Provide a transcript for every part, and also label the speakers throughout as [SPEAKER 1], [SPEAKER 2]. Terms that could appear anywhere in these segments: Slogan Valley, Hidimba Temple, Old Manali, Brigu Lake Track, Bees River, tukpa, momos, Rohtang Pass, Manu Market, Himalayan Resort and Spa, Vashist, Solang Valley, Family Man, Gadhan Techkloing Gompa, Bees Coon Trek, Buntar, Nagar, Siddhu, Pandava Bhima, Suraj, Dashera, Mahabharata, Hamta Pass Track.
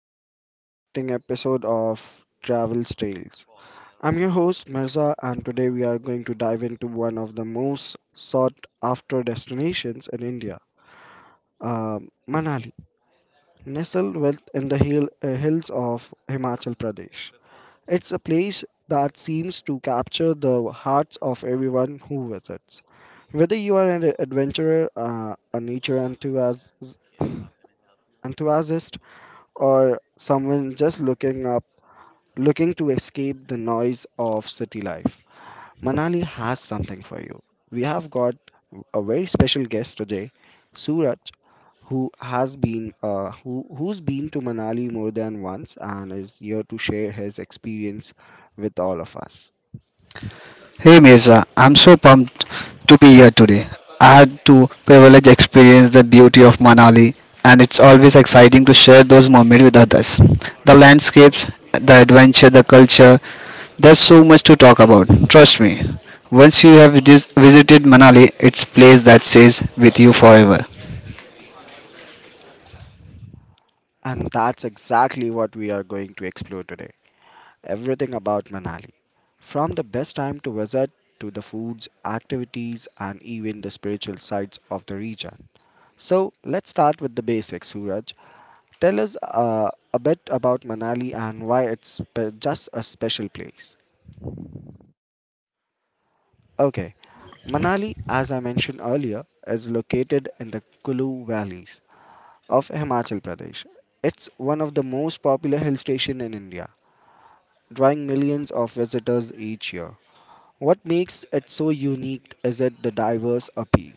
[SPEAKER 1] to another exciting episode of Travel Tales. I'm your host Mirza, and today we are going to dive into one of the most sought after destinations in India, Manali, nestled within the hills of Himachal Pradesh. It's a place that seems to capture the hearts of everyone who visits. Whether you are an a nature enthusiast, or someone just looking up Looking to escape the noise of city life, Manali has something for you. We have got a very special guest today, Suraj, who has been who who's been to Manali more than once and is here to share his experience with all of us.
[SPEAKER 2] Hey Mirza, I'm so pumped to be here today. I had to privilege experience the beauty of Manali, and it's always exciting to share those moments with others. The landscapes, the adventure, the culture, there's so much to talk about. Trust me. Once you have visited Manali, it's place that stays with you forever.
[SPEAKER 1] And that's exactly what we are going to explore today. Everything about Manali, from the best time to visit to the foods, activities, and even the spiritual sites of the region. So let's start with the basics, Suraj. Tell us a bit about Manali and why it's just a special place. Okay, Manali, as I mentioned earlier, is located in the Kulu valleys of Himachal Pradesh. It's one of the most popular hill stations in India, drawing millions of visitors each year. What makes it so unique is that the diverse appeal.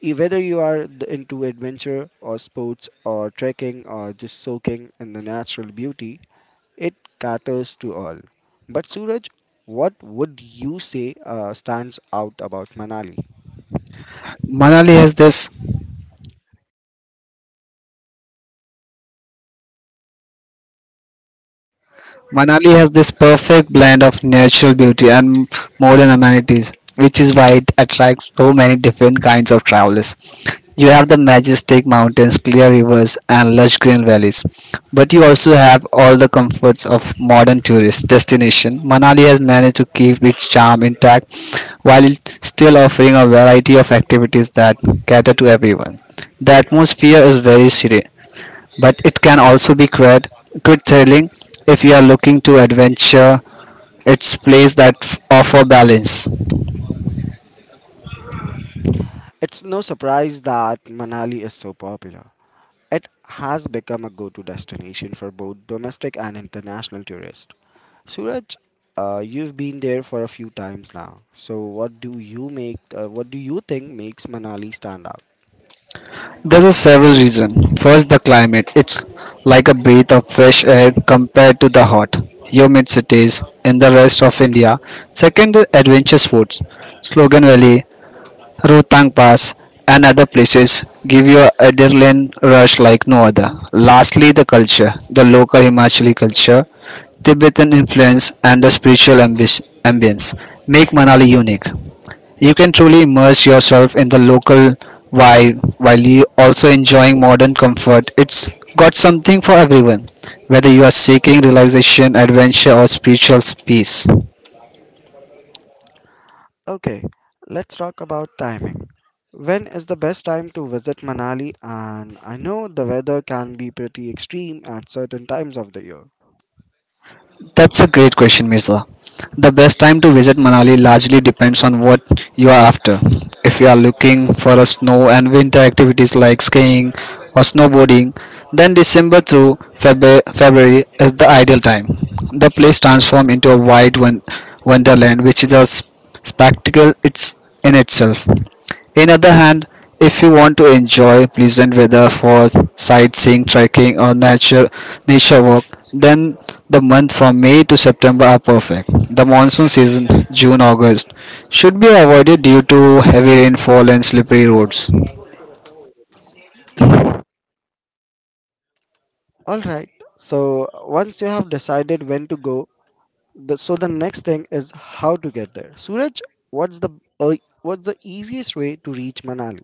[SPEAKER 1] Whether you are into adventure or sports or trekking or just soaking in the natural beauty, it caters to all. But Suraj, what would you say stands out about Manali?
[SPEAKER 2] Manali has this Manali has this perfect blend of natural beauty and modern amenities, which is why it attracts so many different kinds of travelers. You have the majestic mountains, clear rivers, and lush green valleys, but you also have all the comforts of modern tourist destination. Manali has managed to keep its charm intact while it still offering a variety of activities that cater to everyone. The atmosphere is very serene, but it can also be quite thrilling if you are looking to adventure. It's place that offer balance.
[SPEAKER 1] It's no surprise that Manali is so popular. It has become a go to destination for both domestic and international tourists. Suraj, you've been there for a few times now. So what do you think makes Manali stand out?
[SPEAKER 2] There's a several reason. First, the climate. It's like a breath of fresh air compared to the hot, humid cities in the rest of India. Second, the adventure sports. Slogan Valley, Rutang Pass, and other places give you a adrenaline rush like no other. Lastly, the culture, the local Himachali culture, Tibetan influence, and the spiritual ambience make Manali unique. You can truly immerse yourself in the local vibe while you also enjoying modern comfort. It's got something for everyone, whether you are seeking relaxation, adventure, or spiritual peace.
[SPEAKER 1] Okay, let's talk about timing. When is the best time to visit Manali? And I know the weather can be pretty extreme at certain times of the year.
[SPEAKER 2] That's a great question, Mirza. The best time to visit Manali largely depends on what you are after. If you are looking for a snow and winter activities like skiing or snowboarding, then December through February is the ideal time. The place transforms into a wide wonderland, which is a spectacle it's in itself. In other hand, if you want to enjoy pleasant weather for sightseeing, trekking, or nature walk, then the months from May to September are perfect. The monsoon season, June August, should be avoided due to heavy rainfall and slippery roads.
[SPEAKER 1] All right. So once you have decided when to go, the next thing is how to get there. Suraj, what's the uh, what's the easiest way to reach Manali?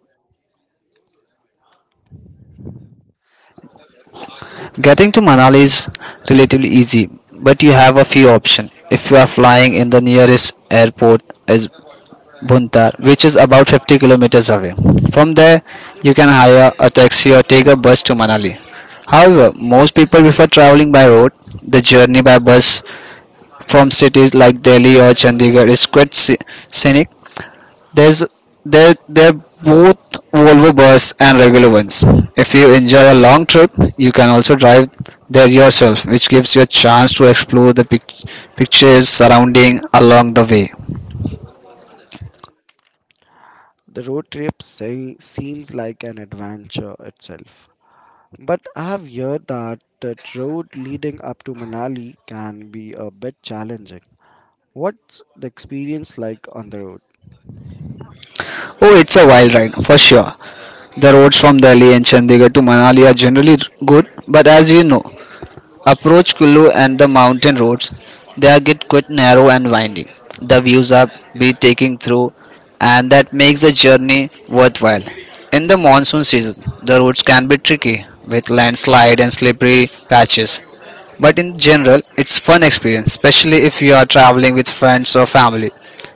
[SPEAKER 2] Getting to Manali is relatively easy, but you have a few options. If you are flying in the nearest airport is Buntar, which is about 50 kilometers away. From there, you can hire a taxi or take a bus to Manali. However, most people prefer traveling by road. The journey by bus from cities like Delhi or Chandigarh is quite scenic. There's there they're both Volvo bus and regular ones. If you enjoy a long trip, you can also drive there yourself, which gives you a chance to explore the pictures surrounding along the way.
[SPEAKER 1] The road trip seems like an adventure itself, but I have heard that the road leading up to Manali can be a bit challenging. What's the experience like on the road?
[SPEAKER 2] Oh, it's a wild ride for sure. The roads from Delhi and Chandigarh to Manali are generally good, but as you know, Approach Kullu and the mountain roads. They are get quite narrow and winding. The views are breathtaking through, and that makes the journey worthwhile. In the monsoon season, the roads can be tricky with landslide and slippery patches. But in general, it's fun experience, especially if you are traveling with friends or family.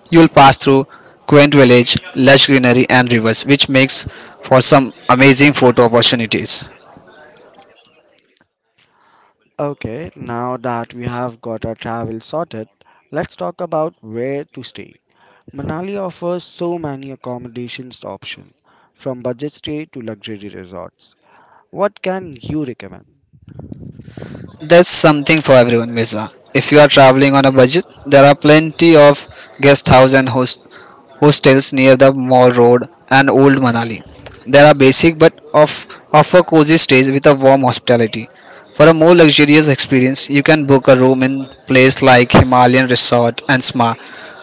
[SPEAKER 2] You'll pass through quaint village, lush greenery and rivers, which makes for some amazing photo opportunities.
[SPEAKER 1] Okay, now that we have got our travel sorted, let's talk about where to stay. Manali offers so many accommodations options, from budget stay to luxury resorts. What can you recommend?
[SPEAKER 2] That's something for everyone, Mirza. If you are traveling on a budget, there are plenty of guest house and host hostels near the Mall Road and Old Manali. There are basic but of offer cozy stays with a warm hospitality. For a more luxurious experience, you can book a room in place like Himalayan Resort and Spa.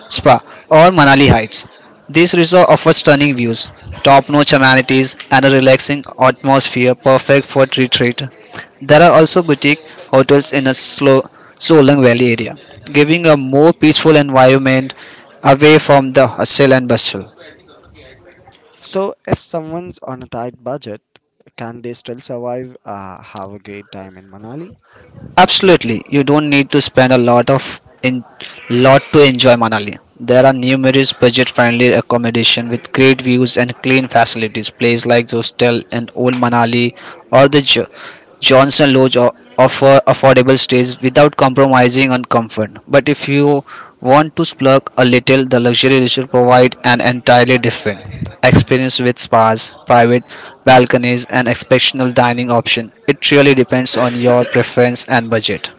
[SPEAKER 2] Spa or Manali Heights. This resort offers stunning views, top-notch amenities, and a relaxing atmosphere perfect for retreat. There are also boutique hotels in a slow Solang Valley area, giving a more peaceful environment away from the hustle and bustle.
[SPEAKER 1] So, if someone's on a tight budget, can they still have a great time in Manali?
[SPEAKER 2] Absolutely, you don't need to spend a lot of in lot to enjoy Manali. There are numerous budget-friendly accommodation with great views and clean facilities. Places like Hostel and Old Manali or the Johnson Lodge offer affordable stays without compromising on comfort. But if you want to splurge a little? The luxury resort provides an entirely different experience with spas, private balconies, and exceptional dining options. It really depends on your preference and budget.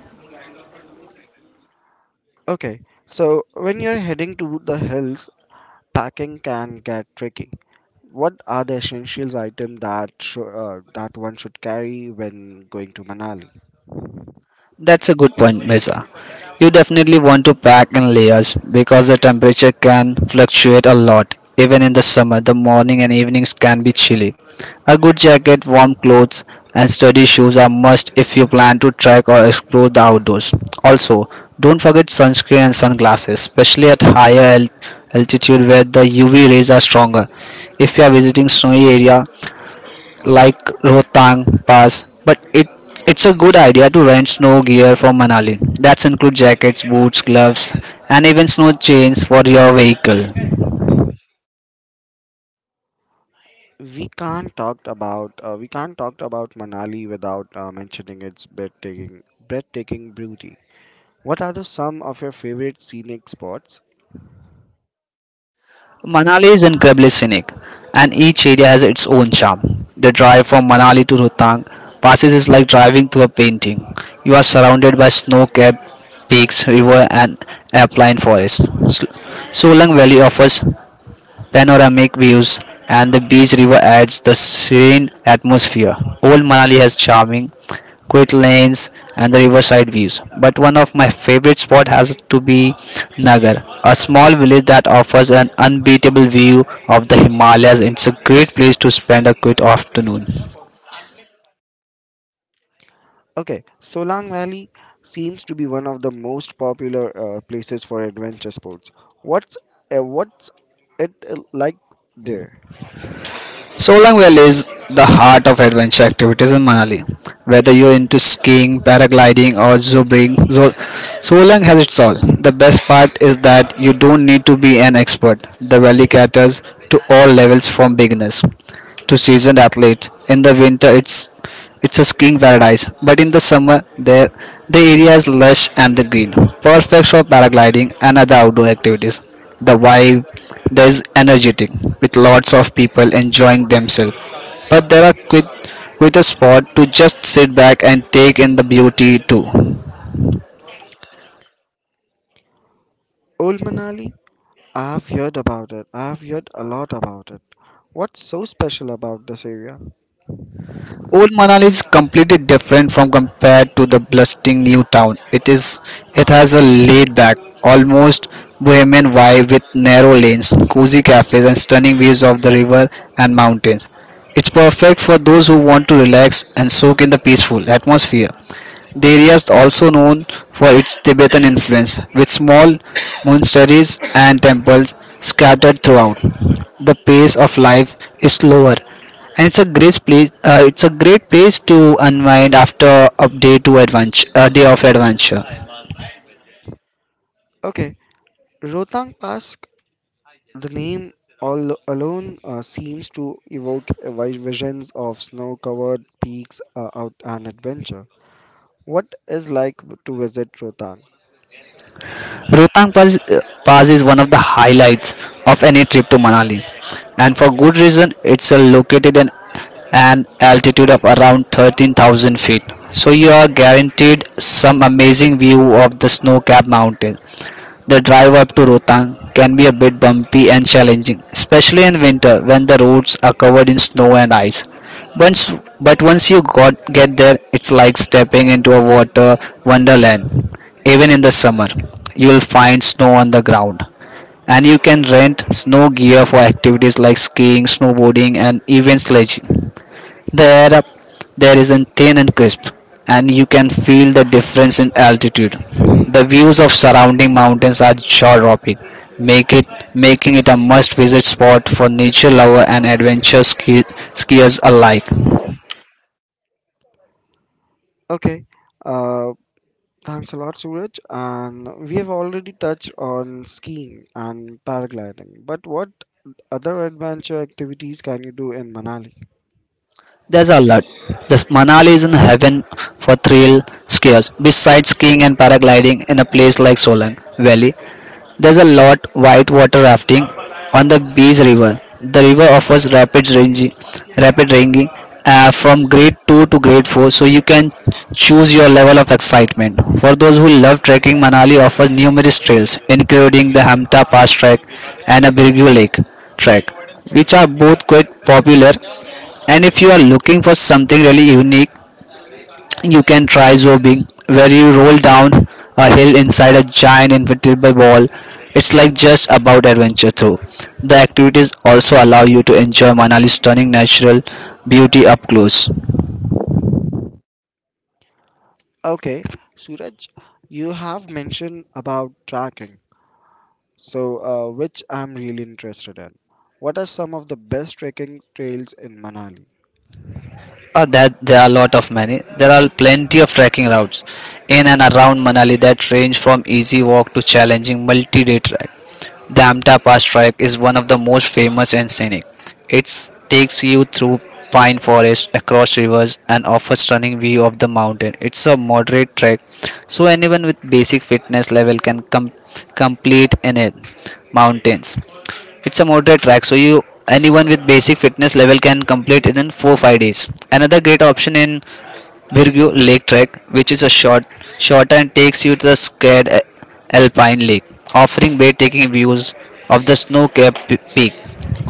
[SPEAKER 1] Okay, so when you're heading to the hills, packing can get tricky. What are the essentials items that one should carry when going to Manali?
[SPEAKER 2] That's a good point, Mesa. You definitely want to pack in layers because the temperature can fluctuate a lot. Even in the summer, the morning and evenings can be chilly. A good jacket, warm clothes, and sturdy shoes are must if you plan to trek or explore the outdoors. Also, don't forget sunscreen and sunglasses, especially at higher altitude where the UV rays are stronger. If you are visiting snowy area, like Rohtang Pass, but it's a good idea to rent snow gear from Manali. That's include jackets, boots, gloves, and even snow chains for your vehicle.
[SPEAKER 1] We can't talk about Manali without mentioning its breathtaking beauty. What are the some of your favorite scenic spots?
[SPEAKER 2] Manali is incredibly scenic, and each area has its own charm. The drive from Manali to Rohtang passes is like driving through a painting. You are surrounded by snow-capped peaks, river, and alpine forests. Solang Valley offers panoramic views, and the beach river adds the serene atmosphere. Old Manali has charming, quiet lanes, and the riverside views. But one of my favorite spots has to be Nagar, a small village that offers an unbeatable view of the Himalayas. It's a great place to spend a quiet afternoon.
[SPEAKER 1] Okay, Solang Valley seems to be one of the most popular places for adventure sports. What's what's it like there?
[SPEAKER 2] Solang Valley is the heart of adventure activities in Manali. Whether you're into skiing, paragliding, or Solang has its all. The best part is that you don't need to be an expert. The valley caters to all levels from beginners to seasoned athletes. In the winter, it's a skiing paradise, but in the summer there the area is lush and the green, perfect for paragliding and other outdoor activities. The vibe there is energetic, with lots of people enjoying themselves. But there are quick with a spot to just sit back and take in the beauty too.
[SPEAKER 1] Old Manali? I've heard about it. I've heard a lot about it. What's so special about this area?
[SPEAKER 2] Old Manali is completely different from compared to the bustling new town. It has a laid back, almost bohemian vibe with narrow lanes, cozy cafes and stunning views of the river and mountains. It's perfect for those who want to relax and soak in the peaceful atmosphere. The area is also known for its Tibetan influence, with small monasteries and temples scattered throughout. The pace of life is slower, and it's a great place to unwind after a day of adventure.
[SPEAKER 1] Okay, Rotang Pass. The name all alone seems to evoke a visions of snow-covered peaks out and adventure. What is like to visit Rohtang?
[SPEAKER 2] Rotang Pass, Pass is one of the highlights of any trip to Manali, and for good reason. It's located in an altitude of around 13,000 feet, so you are guaranteed some amazing view of the snow-capped mountains. The drive up to Rohtang can be a bit bumpy and challenging, especially in winter when the roads are covered in snow and ice. Once, once you get there, it's like stepping into a water wonderland. Even in the summer, you'll find snow on the ground, and you can rent snow gear for activities like skiing, snowboarding, and even sledging. The air up there isn't thin and crisp, and you can feel the difference in altitude. The views of surrounding mountains are jaw-dropping, make it making it a must-visit spot for nature lover and adventure skiers alike.
[SPEAKER 1] Okay, uh, thanks a lot, Suraj. And we have already touched on skiing and paragliding, but what other adventure activities can you do in Manali?
[SPEAKER 2] There's a lot. This Manali is in heaven for thrill skiers. Besides skiing and paragliding in a place like Solang Valley, there's a lot white water rafting on the Bees River. The river offers rapid ranging from grade 2 to grade 4 so you can choose your level of excitement. For those who love trekking, Manali offers numerous trails including the Hamta Pass Track and a Brigu Lake Track, which are both quite popular. And if you are looking for something really unique, you can try zorbing, where you roll down a hill inside a giant inflatable ball. It's like just about adventure through. The activities also allow you to enjoy Manali's stunning natural beauty up close.
[SPEAKER 1] Okay, Suraj, you have mentioned about trekking. So, which I'm really interested in. What are some of the best trekking trails in Manali?
[SPEAKER 2] There are a lot of many. There are plenty of trekking routes in and around Manali that range from easy walk to challenging multi-day treks. The Amta Pass Trek is one of the most famous and scenic. It takes you through pine forest, across rivers, and offers stunning view of the mountain. It's a moderate trek, so anyone with basic fitness level can complete in it. Mountains. It's a moderate track, so you anyone with basic fitness level can complete it in 4 5 days. Another great option in Virgo Lake Trek, which is a short and takes you to the scared alpine lake, offering breathtaking views of the snow-capped peak.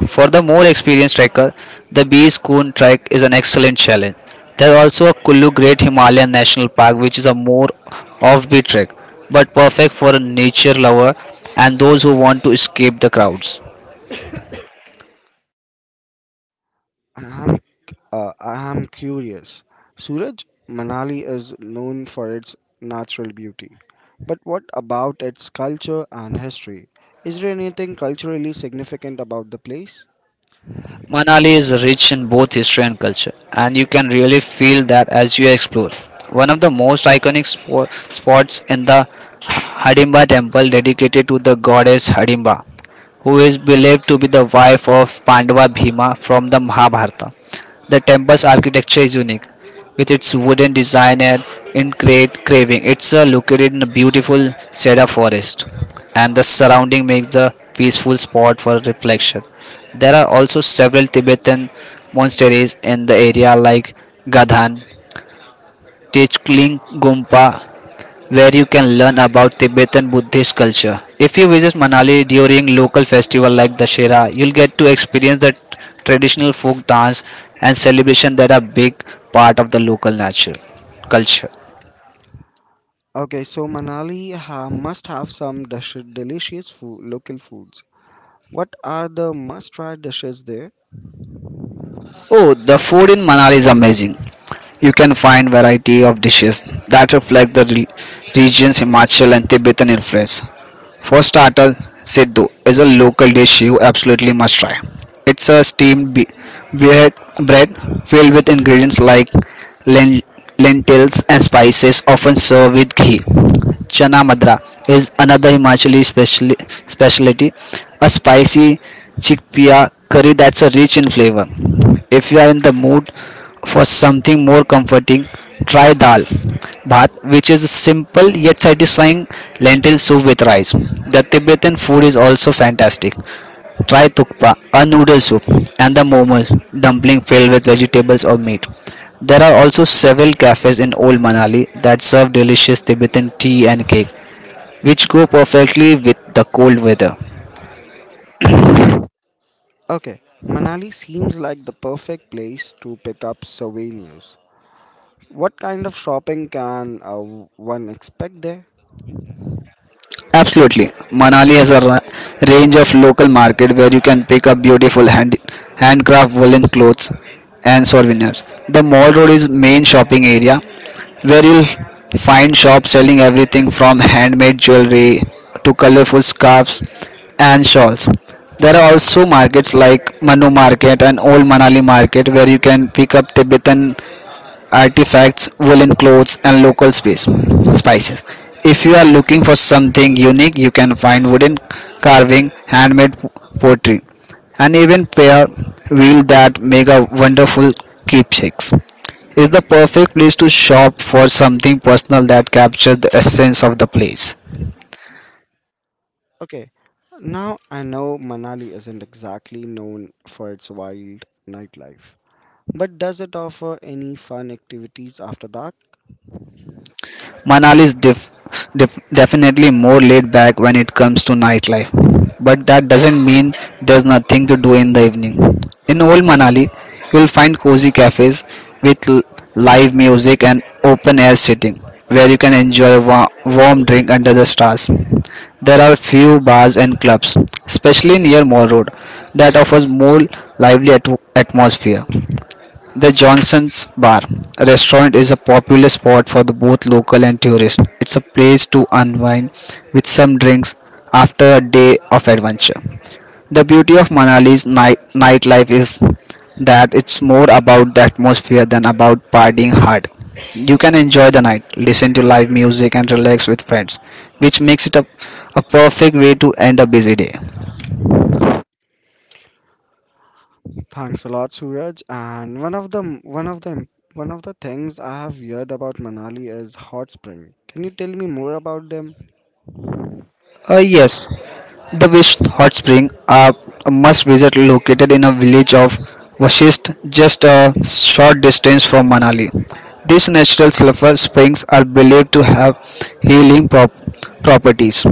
[SPEAKER 2] For the more experienced trekker, the Bees Coon Trek is an excellent challenge. There is also a Kullu Great Himalayan National Park, which is a more offbeat trek, but perfect for a nature lover and those who want to escape the crowds.
[SPEAKER 1] I'm, I'm curious. Suraj, Manali is known for its natural beauty. But what about its culture and history? Is there anything culturally significant about the place?
[SPEAKER 2] Manali is rich in both history and culture, and you can really feel that as you explore. One of the most iconic spots in the Hadimba temple dedicated to the goddess Hadimba who is believed to be the wife of Pandava Bhima from the Mahabharata. The temple's architecture is unique with its wooden design and intricate carving. It's located in a beautiful cedar forest, and the surrounding makes the peaceful spot for reflection. There are also several Tibetan monasteries in the area, like Gadhan, Tejkling Gumpa, where you can learn about Tibetan Buddhist culture. If you visit Manali during local festival like Dashera, you'll get to experience the traditional folk dance and celebration that are big part of the local nature culture.
[SPEAKER 1] Okay, so Manali must have some delicious food, local foods. What are the must try dishes there?
[SPEAKER 2] Oh, the food in Manali is amazing. You can find variety of dishes that reflect the region's Himachal and Tibetan influence. For starter, Siddhu is a local dish you absolutely must try. It's a steamed bread, bread filled with ingredients like len- lentils and spices, often served with ghee. Chana madra is another Himachali specialty, a spicy chickpea curry that's a rich in flavor. If you are in the mood for something more comforting, try dal bhat, which is a simple yet satisfying lentil soup with rice. The Tibetan food is also fantastic. Try tukpa, a noodle soup, and the momos, dumpling filled with vegetables or meat. There are also several cafes in Old Manali that serve delicious Tibetan tea and cake, which go perfectly with the cold weather.
[SPEAKER 1] Okay, Manali seems like the perfect place to pick up souvenirs. What kind of shopping can one expect there?
[SPEAKER 2] Absolutely. Manali has a range of local market where you can pick up beautiful handcraft woolen clothes and souvenirs. The mall road is main shopping area where you'll find shops selling everything from handmade jewelry to colorful scarves and shawls. There are also markets like Manu Market and Old Manali Market where you can pick up Tibetan artifacts, woolen clothes, and local space spices. If you are looking for something unique, you can find wooden carving, handmade pottery, and even pair wheel that make a wonderful keepsakes. It's the perfect place to shop for something personal that captures the essence of the place.
[SPEAKER 1] Okay, now I know Manali isn't exactly known for its wild nightlife, but does it offer any fun activities after dark?
[SPEAKER 2] Manali is definitely more laid back when it comes to nightlife, but that doesn't mean there's nothing to do in the evening. In old Manali, you'll find cozy cafes with live music and open air sitting where you can enjoy a warm drink under the stars. There are few bars and clubs, especially near Mall Road, that offers more lively atmosphere. The Johnson's Bar restaurant is a popular spot for the both local and tourists. It's a place to unwind with some drinks after a day of adventure. The beauty of Manali's nightlife is that it's more about the atmosphere than about partying hard. You can enjoy the night, listen to live music, and relax with friends, which makes it a perfect way to end a busy day.
[SPEAKER 1] Thanks a lot, Suraj. And one of the one of the one of the things I have heard about Manali is hot spring. Can you tell me more about them?
[SPEAKER 2] Yes, the Visht Hot Spring are a must visit located in a village of Vashist just a short distance from Manali. These natural sulfur springs are believed to have healing properties.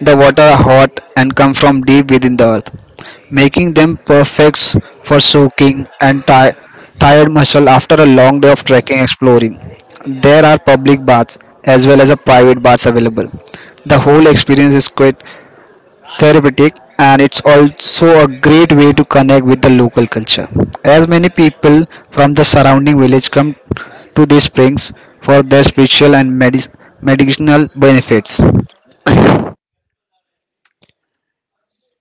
[SPEAKER 2] The water are hot and come from deep within the earth, making them perfect for soaking and tired muscle after a long day of trekking exploring. There are public baths as well as a private baths available. The whole experience is quite therapeutic and it's also a great way to connect with the local culture as many people from the surrounding village come to these springs for their spiritual and medicinal benefits.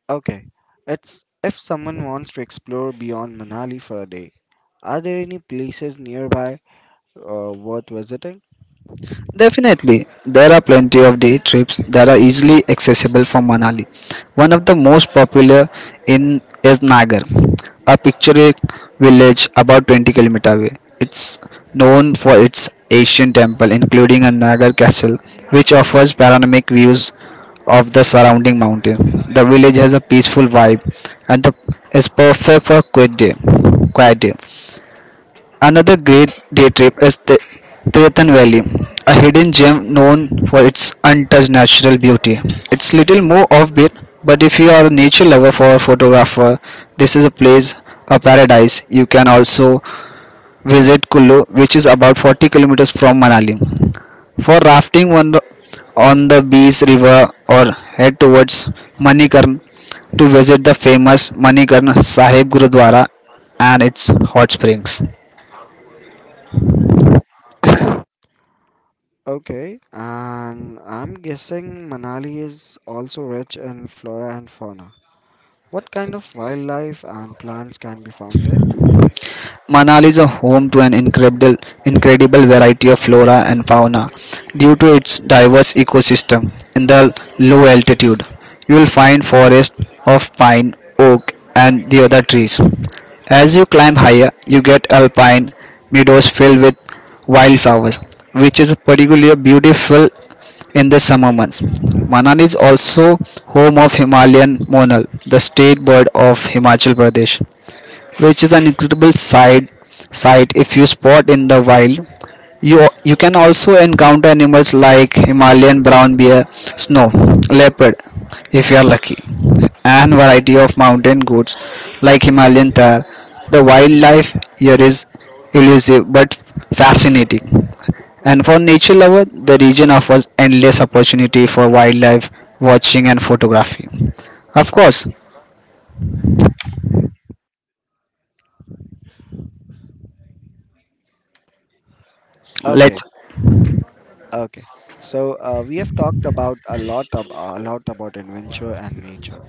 [SPEAKER 1] Okay, it's if someone wants to explore beyond Manali for a day, are there any places nearby worth visiting?
[SPEAKER 2] Definitely, there are plenty of day trips that are easily accessible from Manali. One of the most popular in is Nagar, a picturesque village about 20 kilometers away. It's known for its ancient temple, including a Nagar castle, which offers panoramic views of the surrounding mountain. The village has a peaceful vibe and the, is perfect for quiet day. Quiet day. Another great day trip is the Tirathan Valley, a hidden gem known for its untouched natural beauty. It's little more offbeat, but if you are a nature lover or a photographer, this is a place, a paradise. You can also visit Kullu, which is about 40 kilometers from Manali. For rafting on the Bees River or head towards Manikarn to visit the famous Manikarn Sahib Gurudwara and its hot springs.
[SPEAKER 1] Okay, and I'm guessing Manali is also rich in flora and fauna. What kind of wildlife and plants can be found there?
[SPEAKER 2] Manali is a home to an incredible variety of flora and fauna due to its diverse ecosystem. In the low altitude, you will find forests of pine, oak, and the other trees. As you climb higher, you get alpine meadows filled with wildflowers, which is particularly beautiful in the summer months. Manali is also home of Himalayan monal, the state bird of Himachal Pradesh which is an incredible sight if you spot in the wild. You can also encounter animals like Himalayan brown bear, snow leopard, if you are lucky, and variety of mountain goats like Himalayan thar. The wildlife here is elusive but fascinating. And for nature lovers, the region offers endless opportunity for wildlife watching and photography. Of course,
[SPEAKER 1] Okay,
[SPEAKER 2] let's
[SPEAKER 1] okay. So we have talked about a lot about adventure and nature.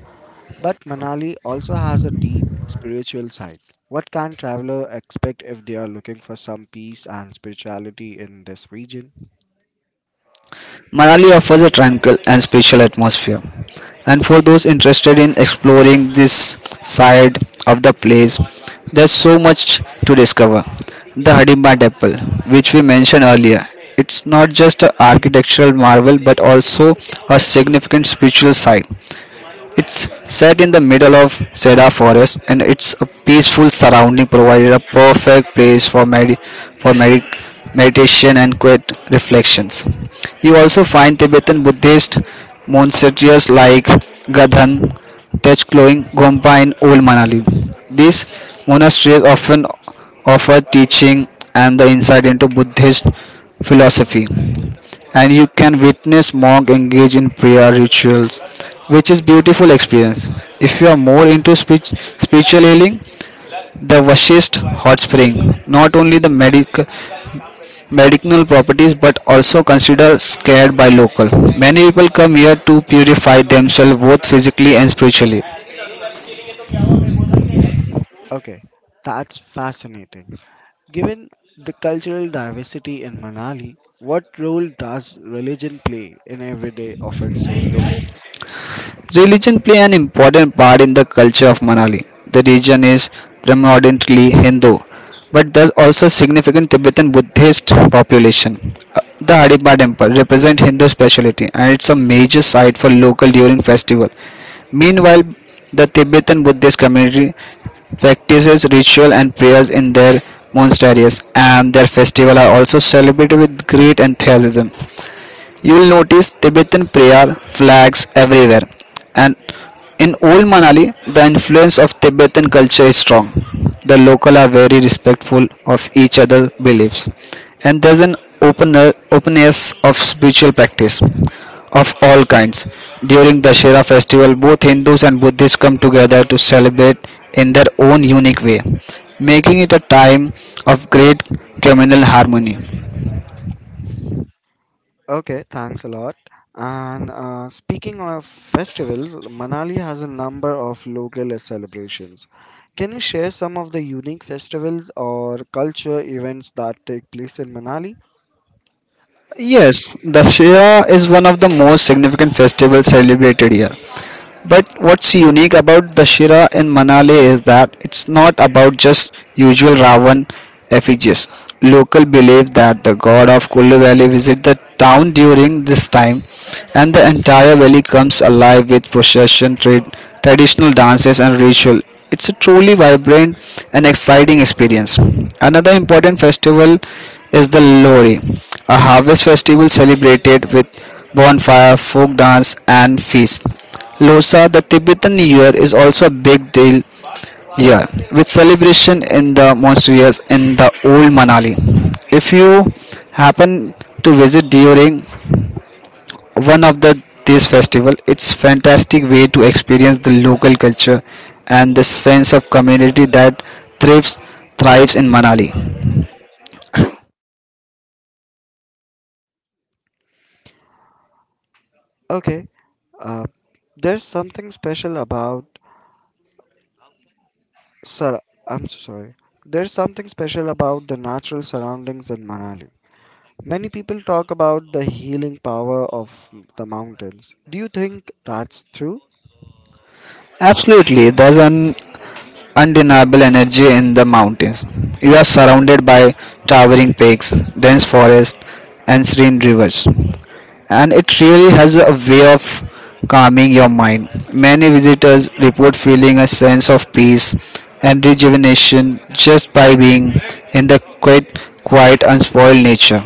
[SPEAKER 1] But Manali also has a deep spiritual side. What can traveler expect if they are looking for some peace and spirituality in this region?
[SPEAKER 2] Manali offers a tranquil and spatial atmosphere, and for those interested in exploring this side of the place, there's so much to discover. The Hidimba Temple, which we mentioned earlier, it's not just an architectural marvel but also a significant spiritual site. It's set in the middle of cedar forest and it's a peaceful surrounding provided a perfect place for for medi- meditation and quiet reflections. You also find Tibetan Buddhist monasteries like Gadhan, Techkloing, Gompa and Old Manali. These monasteries often offer teaching and the insight into Buddhist philosophy and you can witness monk engage in prayer rituals, which is beautiful experience. If you are more into spiritual healing, the Vashist hot spring, not only the medicinal properties but also considered scared by local. Many people come here to purify themselves both physically and spiritually.
[SPEAKER 1] Okay, that's fascinating. Given the cultural diversity in Manali, what role does religion play in everyday of its own locals?
[SPEAKER 2] Religion play an important part in the culture of Manali. The region is predominantly Hindu, but there's also a significant Tibetan Buddhist population. The Adipa temple represents Hindu speciality and it's a major site for local during festival. Meanwhile, the Tibetan Buddhist community practices ritual and prayers in their monasteries and their festival are also celebrated with great enthusiasm. You will notice Tibetan prayer flags everywhere, and in old Manali, the influence of Tibetan culture is strong. The local are very respectful of each other's beliefs, and there's an open openness of spiritual practice of all kinds. During Dashera festival, both Hindus and Buddhists come together to celebrate in their own unique way, making it a time of great communal harmony.
[SPEAKER 1] Okay, thanks a lot. And speaking of festivals, Manali has a number of local celebrations. Can you share some of the unique festivals or culture events that take place in Manali?
[SPEAKER 2] Yes, Dussehra is one of the most significant festivals celebrated here. But what's unique about Dashera in Manali is that it's not about just usual Ravan effigies. Local believe that the god of Kulu Valley visit the town during this time, and the entire valley comes alive with procession, traditional dances, and ritual. It's a truly vibrant and exciting experience. Another important festival is the Lori, a harvest festival celebrated with bonfire, folk dance, and feast. Losar, the Tibetan New Year, is also a big deal here, with celebration in the monasteries in the old Manali. If you happen to visit during one of the this festival, it's fantastic way to experience the local culture and the sense of community that thrives thrives in Manali.
[SPEAKER 1] Okay, uh, there's something special about. Sir, I'm so sorry. There's something special about the natural surroundings in Manali. Many people talk about the healing power of the mountains. Do you think that's true?
[SPEAKER 2] Absolutely, there's an undeniable energy in the mountains. You are surrounded by towering peaks, dense forests, and serene rivers and it really has a way of calming your mind. Many visitors report feeling a sense of peace and rejuvenation just by being in the quiet unspoiled nature.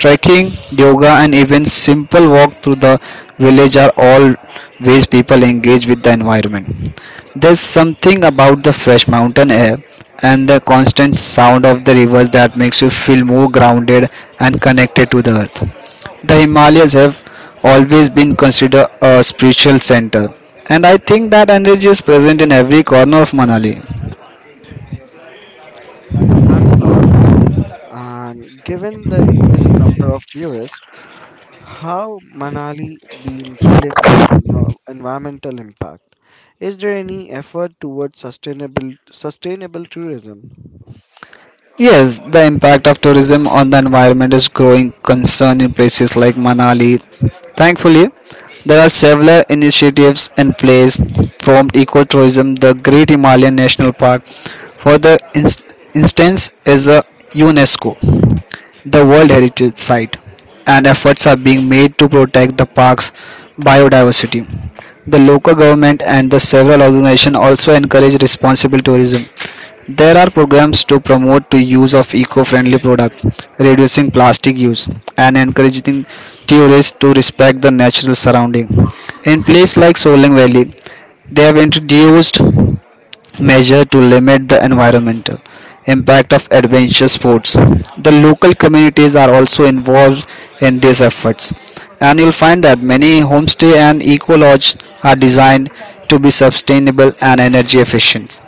[SPEAKER 2] Trekking, yoga, and even simple walk through the village are all ways people engage with the environment. There's something about the fresh mountain air and the constant sound of the rivers that makes you feel more grounded and connected to the earth. The Himalayas have always been considered a spiritual center, and I think that energy is present in every corner of Manali.
[SPEAKER 1] Thanks a lot. And given the increasing number of tourists, how Manali been dealing with the environmental impact? Is there any effort towards sustainable tourism?
[SPEAKER 2] Yes, the impact of tourism on the environment is growing concern in places like Manali. Thankfully, there are several initiatives in place from ecotourism. The Great Himalayan National Park, for instance, is the UNESCO the World Heritage Site, and efforts are being made to protect the park's biodiversity. The local government and the several organizations also encourage responsible tourism. There are programs to promote the use of eco-friendly products, reducing plastic use, and encouraging tourists to respect the natural surrounding. In places like Solang Valley, they have introduced measures to limit the environmental impact of adventure sports. The local communities are also involved in these efforts, and you'll find that many homestay and eco lodges are designed to be sustainable and energy efficient.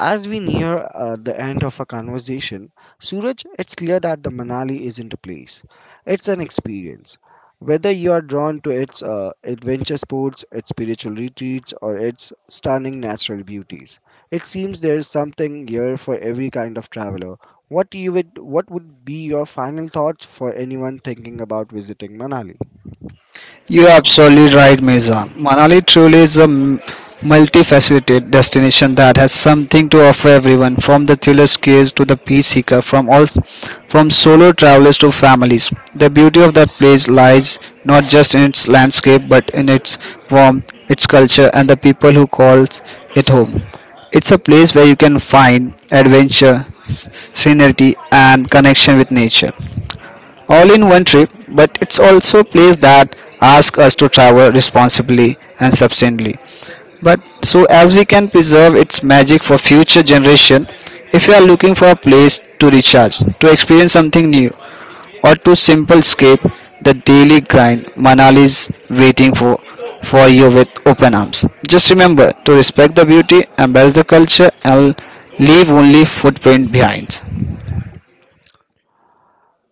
[SPEAKER 1] As we near the end of our conversation, Suraj, it's clear that the Manali isn't a place. It's an experience. Whether you are drawn to its adventure sports, its spiritual retreats, or its stunning natural beauties, it seems there is something here for every kind of traveler. What would be your final thoughts for anyone thinking about visiting Manali?
[SPEAKER 2] You're absolutely right, Mizan. Manali truly is a multifaceted destination that has something to offer everyone, from the thriller skiers to the peace seeker, from solo travelers to families. The beauty of that place lies not just in its landscape, but in its warmth, its culture, and the people who call it home. It's a place where you can find adventure, serenity, and connection with nature all in one trip, but it's also a place that asks us to travel responsibly and sustainably. But so as we can preserve its magic for future generation, if you are looking for a place to recharge, to experience something new, or to simple escape the daily grind, Manali is waiting for you with open arms. Just remember to respect the beauty, embrace the culture, and leave only footprint behind.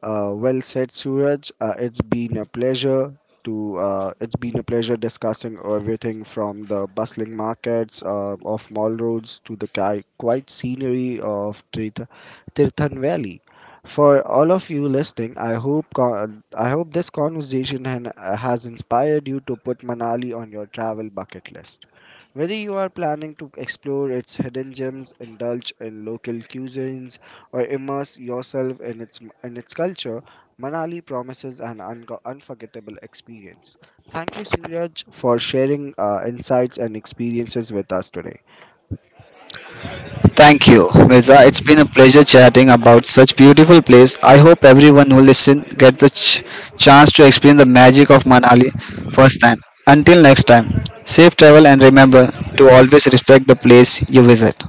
[SPEAKER 1] Well said, Suraj. It's been a pleasure discussing everything from the bustling markets of mall roads to the quiet scenery of Tirthan Valley. For all of you listening, I hope this conversation has inspired you to put Manali on your travel bucket list. Whether you are planning to explore its hidden gems, indulge in local cuisines, or immerse yourself in its culture, Manali promises an unforgettable experience. Thank you, Suraj, for sharing insights and experiences with us today.
[SPEAKER 2] Thank you, Mirza. It's been a pleasure chatting about such beautiful place. I hope everyone who listen gets the chance to experience the magic of Manali firsthand. Until next time, safe travel and remember to always respect the place you visit.